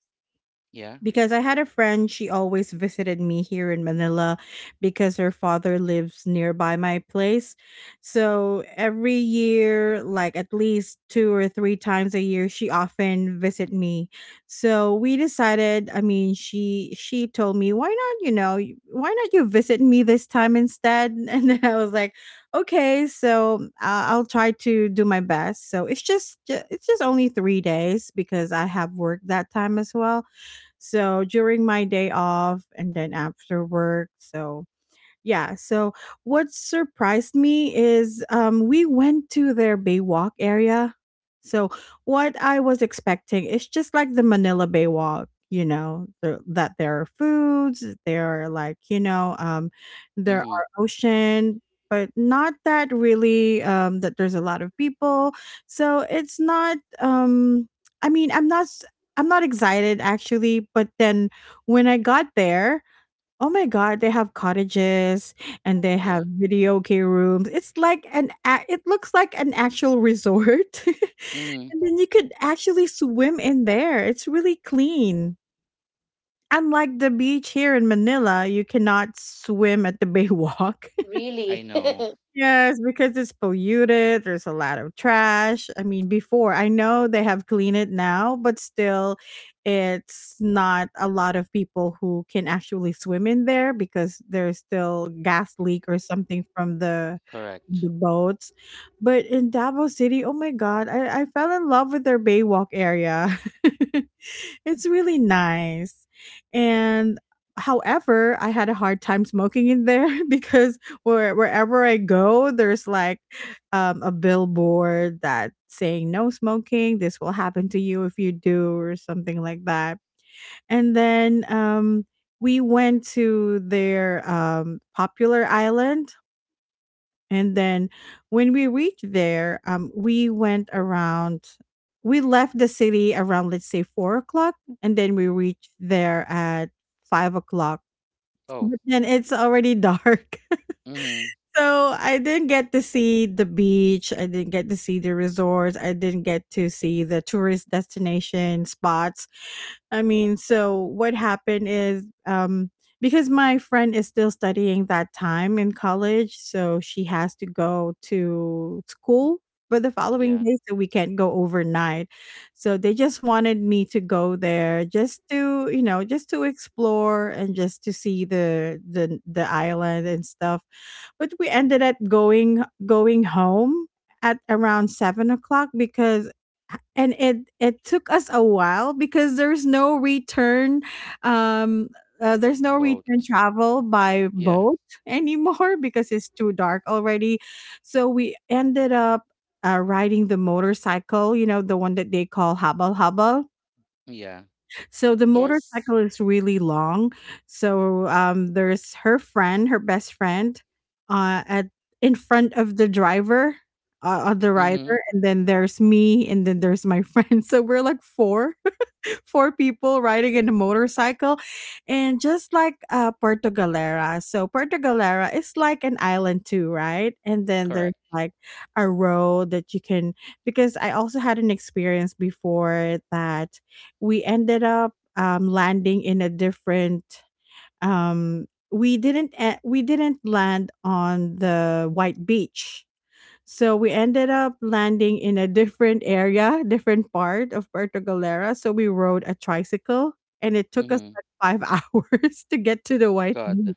Yeah. because I had a friend, she always visited me here in Manila because her father lives nearby my place. So every year, like at least two or three times a year, she often visit me. So we decided, I mean, she told me, "Why not, you know, y- why not you visit me this time instead?" And then I was like, "Okay, so I'll try to do my best." So it's just ju- it's just only 3 days because I have work that time as well so during my day off and then after work, so yeah. So what surprised me is we went to their Baywalk area. So what I was expecting is just like the Manila Baywalk, you know, the, that there are foods, there are like you know, there Mhm. are ocean, but not that really that there's a lot of people. So it's not. I mean, I'm not. S- I'm not excited actually, but then when I got there, oh my God, they have cottages and they Yeah. have videoke rooms. It's like an a- it looks like an actual resort. Mhm. And then you could actually swim in there. It's really clean. Unlike the beach here in Manila, you cannot swim at the Baywalk. really. I know. Yes, because it's polluted. There's a lot of trash. I mean, before I know they have cleaned it now, but still, it's not a lot of people who can actually swim in there because there's still gas leak or something from Correct. the boats. But in Davao City, oh my God, I fell in love with their Baywalk area. It's really nice. And however, I had a hard time smoking in there because wherever I go, there's like a billboard that saying no smoking. This will happen to you if you do, or something like that. And then we went to their popular island. And then when we reached there, we went around. We left the city around, let's say, 4 o'clock, and then we reached there at 5 o'clock. Oh. But then it's already dark. Mhm. So I didn't get to see the beach. I didn't get to see the resorts. I didn't get to see the tourist destination spots. I mean, so what happened is because my friend is still studying that time in college, so she has to go to school for the following Yeah. day, so we can't go overnight. So they just wanted me to go there just to, you know, just to explore and just to see the island and stuff but we ended up going home at around 7 o'clock because and it took us a while because um there's no return Boat. travel by Yeah. boat anymore because it's too dark already so we ended up riding the motorcycle you know the one that they call habal habal Yeah. so the Yes, motorcycle is really long. So there's her friend, her best friend, at in front of the driver, of the rider, Mhm. and then there's me, and then there's my friend. So we're like four people riding in a motorcycle and just like Puerto Galera. So Puerto Galera is like an island too, right? And then there's Correct. like a road that you can. Because I also had an experience before that we ended up landing in a different we didn't e- we didn't land on the white beach, so we ended up landing in a different area, different part of Puerto Galera. So we rode a tricycle and it took us Mm-hmm. like five hours to get to the White Beach. God.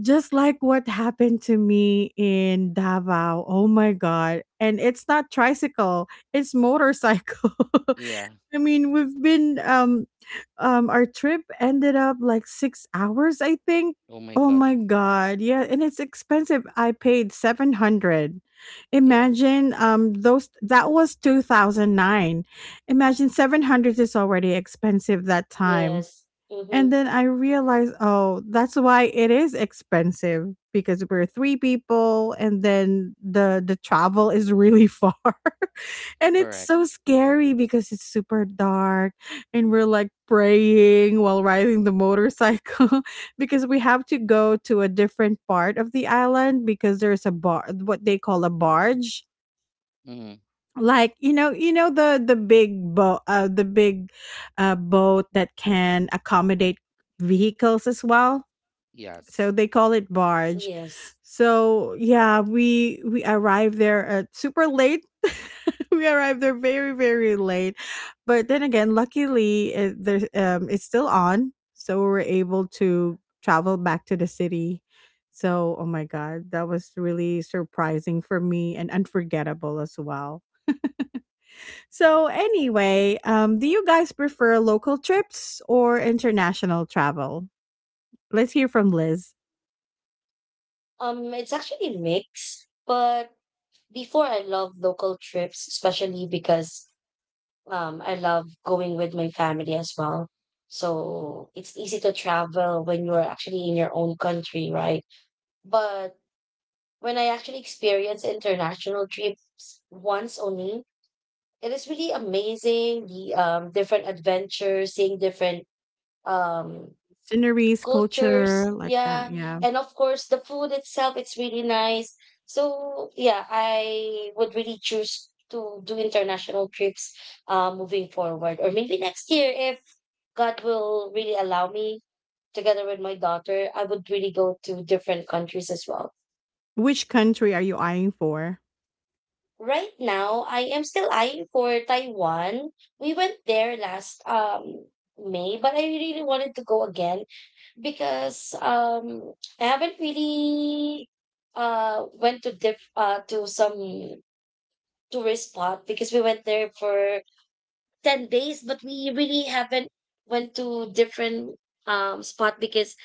Just like what happened to me in Davao. Oh my God. And it's not tricycle, it's motorcycle. Yeah. We've been our trip ended up like 6 hours, I think. Oh my Oh God. my god. Yeah, and it's expensive. I paid 700. Yeah. Imagine those, that was 2009. Imagine 700 is already expensive that time. yes, mm-hmm. And then I realized, oh, that's why it is expensive because we're three people, and then the travel is really far. And it's so Correct. scary because it's super dark, and we're like praying while riding the motorcycle because we have to go to a different part of the island because there's a bar, what they call a barge, Mm-hmm. like you know, the big boat, the big boat that can accommodate vehicles as well, so Yes. they call it barge. Yes. So yeah, we arrived there at super late. We arrived there very late, but then again, luckily there's it's still on, so we were able to travel back to the city. So oh my god, that was really surprising for me and unforgettable as well. So anyway, do you guys prefer local trips or international travel? Let's hear from Liz. It's actually mixed, but before I love local trips, especially because I love going with my family as well. So it's easy to travel when you're actually in your own country, right? But when I actually experience international trips once only, it is really amazing. The different adventures, seeing different um Sceneries, culture, cultures, like that. yeah, Yeah. and of course the food itself, it's really nice. So yeah, I would really choose to do international trips, moving forward, or maybe next year, if God will really allow me, together with my daughter, I would really go to different countries as well. Which country are you eyeing for? Right now I am still eyeing for Taiwan. We went there last May, but I really wanted to go again because I haven't really went to diff to some tourist spot because we went there for 10 days, but we really haven't went to different spot because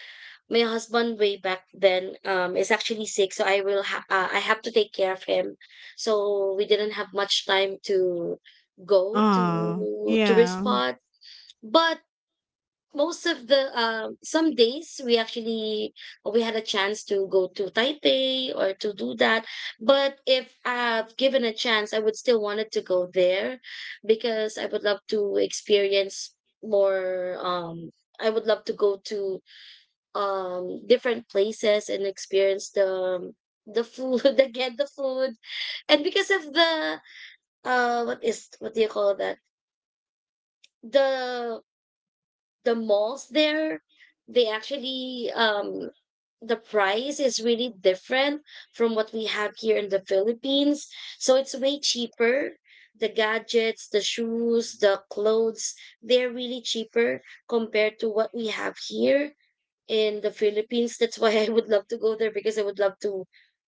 my husband way back then is actually sick, so I have to take care of him, so we didn't have much time to go Oh, to tourist yeah, spot. But most of the some days we actually, we had a chance to go to Taipei or to do that. But if I've given a chance, I would still wanted to go there because I would love to experience more, I would love to go to different places and experience the food again, the food. And because of the what is, what do you call that, the the malls there, they actually the price is really different from what we have here in the Philippines. So it's way cheaper. The gadgets, the shoes, Hmm. the clothes, they're really cheaper compared to what we have here in the Philippines. That's why I would love to go there, because I would love to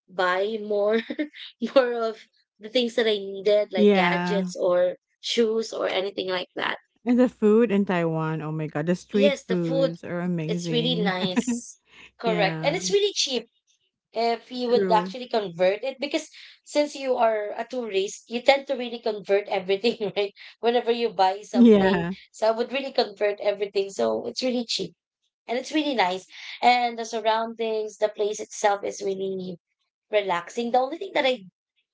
buy more, more of the things that I needed, like yeah. gadgets or shoes or anything like that. And the food in Taiwan. Oh my God, the street Yes, the food, foods are it's really amazing. nice. Correct. Yeah, And it's really cheap if you would true. actually convert it, because since you are a tourist, you tend to really convert everything, right? Whenever you buy something. Yeah. So I would really convert everything. So it's really cheap. And it's really nice. And the surroundings, the place itself is really relaxing. The only thing that I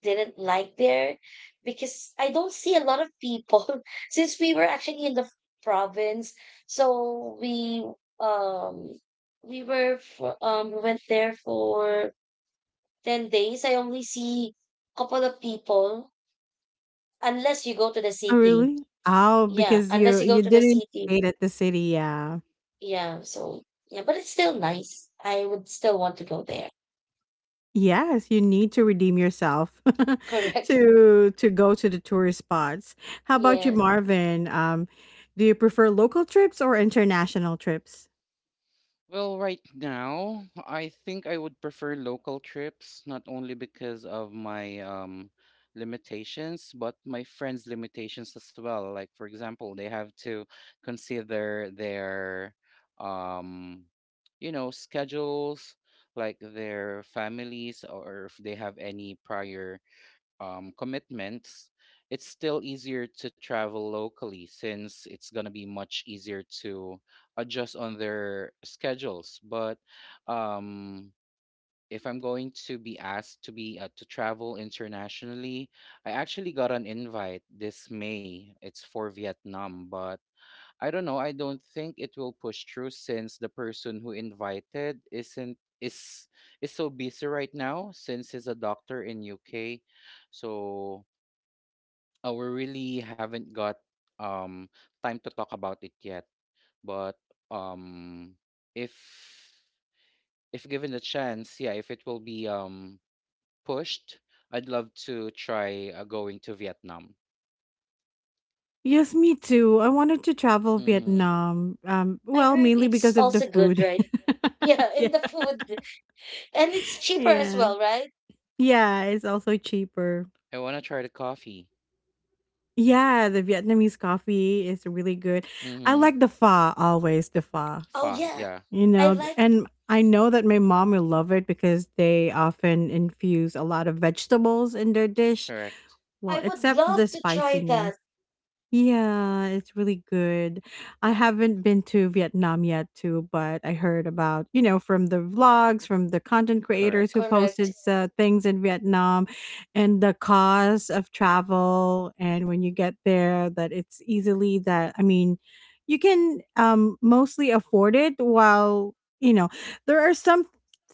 didn't like there, because I don't see a lot of people since we were actually in the province. So um we were for, we went there for 10 days. I only see a couple of people unless you go to the Oh, city. really? Oh, Yeah, because unless you you go you to the didn't city. stay at the city. Yeah. Yeah, so yeah, but it's still nice. I would still want to go there. Yes, you need to redeem yourself Correct. To go to the tourist spots. How about you, Yes. Marvin? Do you prefer local trips or international trips? Well, right now, I think I would prefer local trips, not only because of my limitations, but my friends' limitations as well. Like, for example, they have to consider their, um, schedules, like their families, or if they have any prior, commitments. It's still easier to travel locally since it's going to be much easier to adjust on their schedules. But um, if I'm going to be asked to travel internationally, I actually got an invite this May. It's for Vietnam, but I don't know. I don't think it will push through since the person who invited isn't is so busy right now since he's a doctor in UK. So, we really haven't got um time to talk about it yet. But um if if given the chance, yeah, if it will be pushed, I'd love to try, going to Vietnam. Yes, me too. I wanted to travel Mm-hmm. Vietnam. I Well, heard mainly it's because of the also good, food. right? Yeah, in Yeah. the food. And it's cheaper as Yeah. well, right? Yeah, it's also cheaper. I want to try the coffee. Yeah, the Vietnamese coffee is really good. I Mm-hmm. like the pho always, the pho. Oh Pho, yeah. yeah, You I know, like, and I know that my mom will love it because they often infuse a lot of vegetables in their dish. correct. I Well, would except the love to try that. spiciness. Yeah, it's really good. I haven't been to Vietnam yet too, but I heard about, you know, from the vlogs, from the content creators who Correct. Correct. posted things in Vietnam and the cost of travel and when you get there that it's easily that I mean, you can mostly afford it while, you know, there are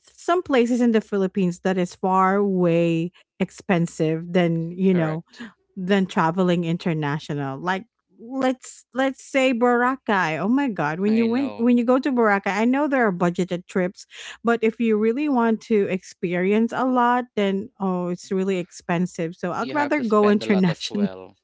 some places in the Philippines that is far way expensive than, you know, Correct. than traveling international. Like let's say Boracay. Oh my god, when I you know. Go to Boracay, I know there are budgeted trips, but if you really want to experience a lot, then oh, it's really expensive. So I'd You have rather to go spend a lot as international, well.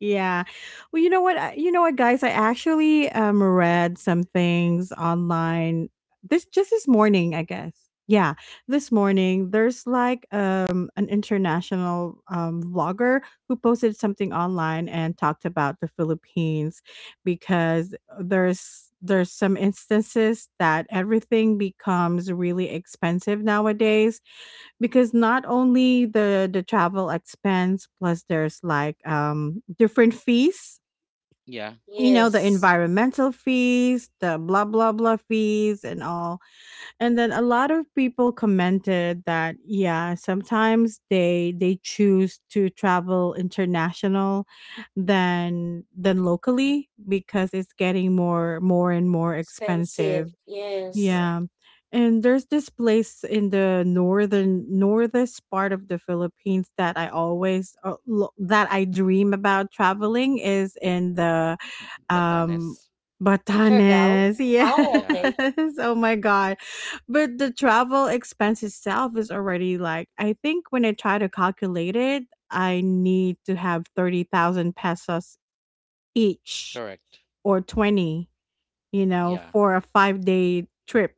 yeah. Well, you know what? You know what, guys? I actually read some things online this just this morning, I guess. Yeah, this morning there's like an international vlogger who posted something online and talked about the Philippines because there's some instances that everything becomes really expensive nowadays because not only the travel expense, plus there's like different fees, Yeah, you know, the Yes. environmental fees, the blah blah blah fees and all. And then a lot of people commented that yeah, sometimes they choose to travel international than locally because it's getting more and more Expensive. expensive, Yes. yeah. correct. And there's this place in the northern northest part of the Philippines that I always that I dream about traveling is in the um Batanes. Siargao? Batanes. Oh, Yeah, okay. Yes. Oh my god. But the travel expense itself is already like, I think when I try to calculate it, I need to have 30,000 pesos each, correct. or 20, you know, Yeah. for a 5-day trip.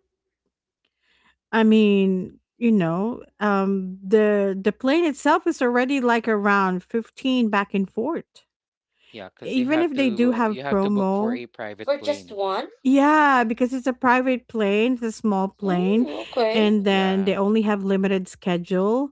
I mean, you know, the plane itself is already like around 15 back and forth. Yeah, because you Even have if they do to, have book for a promo, private For just plane. one? yeah, because it's a private plane, it's a small Mm, plane, okay. and then Yeah, they only have limited schedule.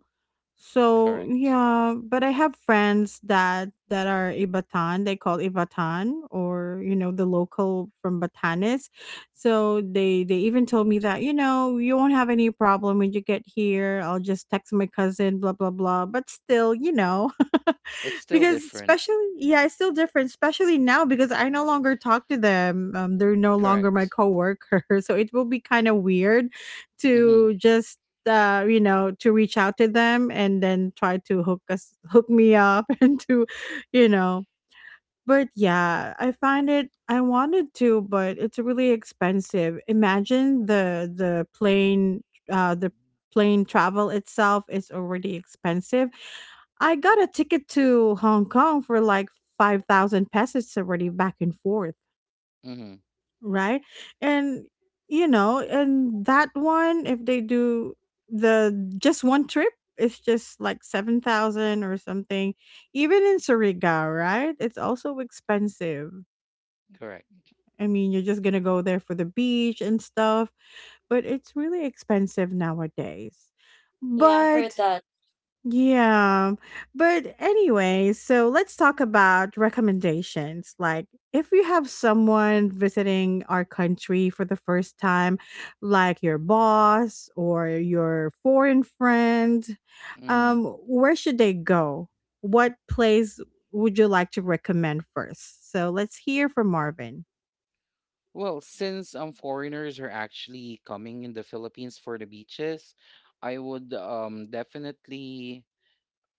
So correct. yeah, but I have friends that are Ibatan. They call Ibatan, or you know, the local from Batanes. So they even told me that you know you won't have any problem when you get here. I'll just text my cousin, blah blah blah. But still, you know. It's still Because different. especially yeah, it's still different, especially now because I no longer talk to them. They're no longer my Correct. coworker. So it will be kind of weird Mm-hmm. to just you know, to reach out to them and then try to hook me up and to you know. But yeah, I find it, I wanted to, but it's really expensive. Imagine the plane the plane travel itself is already expensive. I got a ticket to Hong Kong for like 5,000 pesos already back and forth, Mm-hmm. right? And you know, and that one, if they do the just one trip, it's just like 7,000 or something. Even in Surigao, right? It's also expensive. Correct. I mean, you're just gonna go there for the beach and stuff, but it's really expensive nowadays. Yeah, I heard But that. yeah, but anyway, so let's talk about recommendations. Like, if you have someone visiting our country for the first time, like your boss or your foreign friend, Mm-hmm. Where should they go? What place would you like to recommend first? So let's hear from Marvin. Well, since foreigners are actually coming in the Philippines for the beaches, I would definitely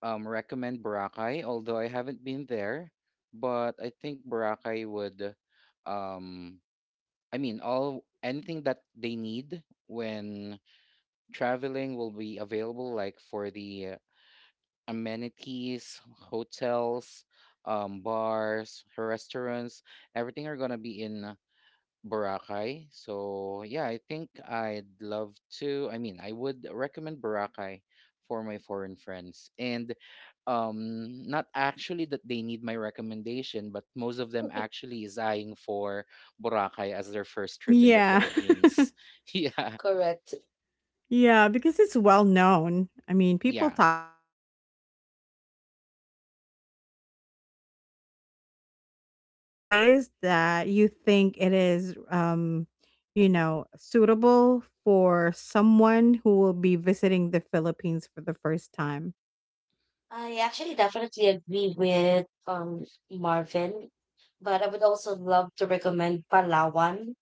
recommend Boracay. Although I haven't been there, but I think Boracay would, um I mean, all anything that they need when traveling will be available, like for the, amenities, hotels, bars, restaurants, everything are gonna be in, Boracay. So yeah, I think I'd love to. I mean, I would recommend Boracay for my foreign friends, and not actually that they need my recommendation, but most of them actually is eyeing for Boracay as their first trip in the Yeah. Philippines. Yeah, Correct. Yeah, because it's well known. I mean, people yeah, talked about it it's even online. overrated. True. Yeah. How about you, Liz? What place that you think it is, you know, suitable for someone who will be visiting the Philippines for the first time? I actually definitely agree with Marvin, but I would also love to recommend Palawan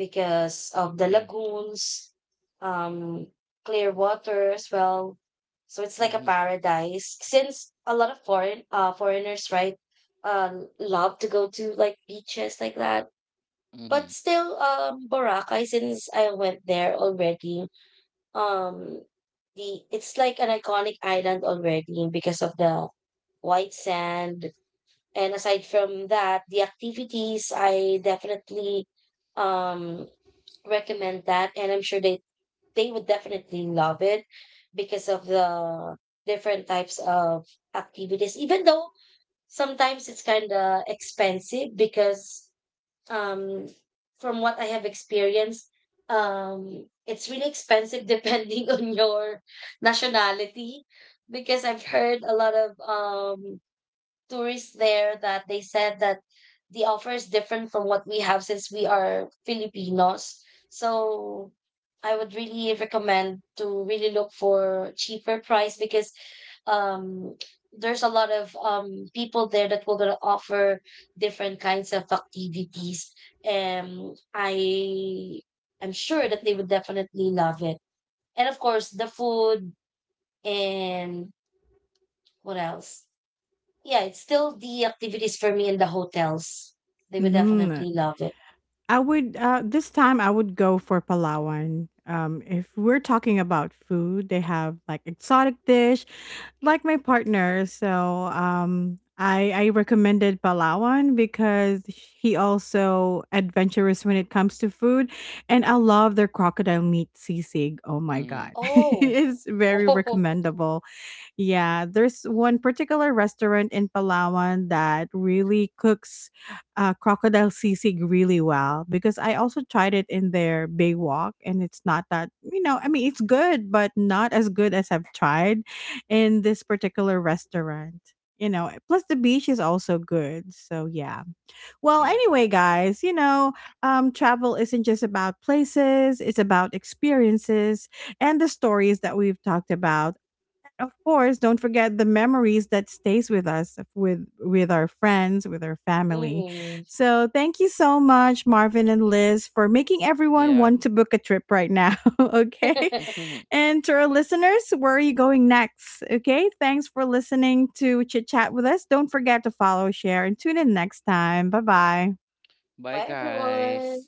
because of the Yeah. lagoons, um, clear water as well. So it's like a Mhm. paradise. Since a lot of foreigners, right, love to go to like beaches like that. But Mhm. still, Boracay, since I went there already, um, the, it's like an iconic island already because of the white sand. And aside from that, the activities, I definitely um recommend that, and I'm sure they would definitely love it because of the different types of activities, even though sometimes it's kind of expensive because um from what I have experienced, it's really expensive depending on your nationality, because I've heard a lot of tourists there that they said that the offer is different from what we have since we are Filipinos. So I would really recommend to really look for cheaper price because um there's a lot of people there that will gonna offer different kinds of activities. Um I I'm sure that they would definitely love it. And of course the food and what else? Yeah, it's still the activities for me in the hotels. They would Hmm. definitely love it. I would uh, this time I would go for Palawan. Um, if we're talking about food, they have like exotic dish like my partner. So, um, I recommended Palawan because he also adventurous when it comes to food, and I love their crocodile meat sisig. Oh my Mhm. god. Oh, It's very oh, recommendable. Yeah, there's one particular restaurant in Palawan that really cooks crocodile sisig really well because I also tried it in their Baywalk, and it's not that, you know, I mean, it's good, but not as good as I've tried in this particular restaurant. You know, plus the beach is also good. So, yeah. Well, Yeah. anyway, guys, you know, travel isn't just about places, it's about experiences and the stories that we've talked about. Of course, don't forget the memories that stays with us, with our friends, with our family. mm. So, thank you so much Marvin and Liz for making everyone Yeah. want to book a trip right now, okay? Mhm. And to our listeners, where are you going next? Okay? Thanks for listening to Chit Chat with us. Don't forget to follow, share and tune in next time. Bye-bye. Bye, Bye, guys. everyone.